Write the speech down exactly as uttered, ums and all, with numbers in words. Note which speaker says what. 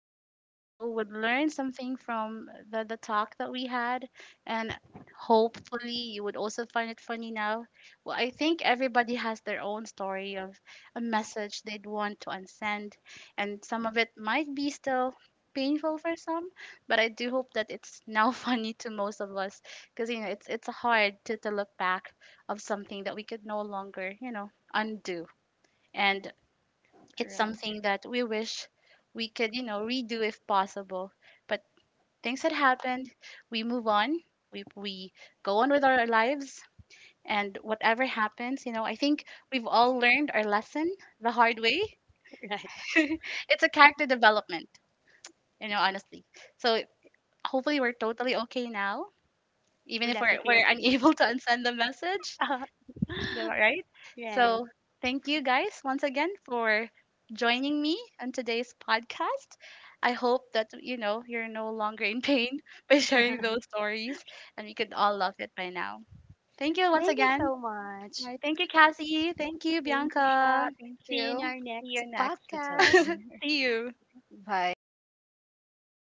Speaker 1: you know, would learn something from the, the talk that we had. And hopefully you would also find it funny now. Well, I think everybody has their own story of a message they'd want to unsend. And some of it might be still painful for some, but I do hope that it's now funny to most of us. Because, you know, it's it's hard to, to look back of something that we could no longer, you know, undo. And it's
Speaker 2: Correct.
Speaker 1: something that we wish we could, you know, redo if possible. But things had happened. We move on. We we go on with our lives, and whatever happens, you know, I think we've all learned our lesson the hard way.
Speaker 3: Right?
Speaker 1: It's a character development, you know, honestly. So hopefully we're totally okay now, even
Speaker 3: We're
Speaker 1: if we're
Speaker 3: definitely
Speaker 1: we're
Speaker 3: okay.
Speaker 1: unable to unsend
Speaker 3: Send
Speaker 1: the message.
Speaker 3: the
Speaker 1: The-
Speaker 3: message.
Speaker 1: right?
Speaker 3: Right.
Speaker 1: So, thank you guys once again for joining me on today's podcast. I hope that you know you're no longer in pain by sharing those stories, and we could all love it by now. Thank
Speaker 3: Thank
Speaker 1: you once
Speaker 3: you
Speaker 1: again.
Speaker 3: so much.
Speaker 1: All right, thank you, Cassie. Thank you,
Speaker 2: Thank you,
Speaker 1: Bianca.
Speaker 2: Sha. Thank you.
Speaker 3: See you in
Speaker 2: So,
Speaker 3: our
Speaker 2: see
Speaker 3: next
Speaker 2: you next episode.
Speaker 3: podcast.
Speaker 1: See you.
Speaker 2: Bye.